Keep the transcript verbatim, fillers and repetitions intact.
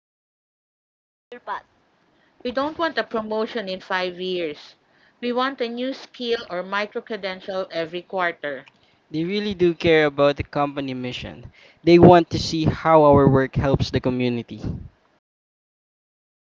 if they don't see a clear path. We don't want a promotion in five years. We want a new skill or micro credential every quarter. They really do care about the company mission. They want to see how our work helps the community.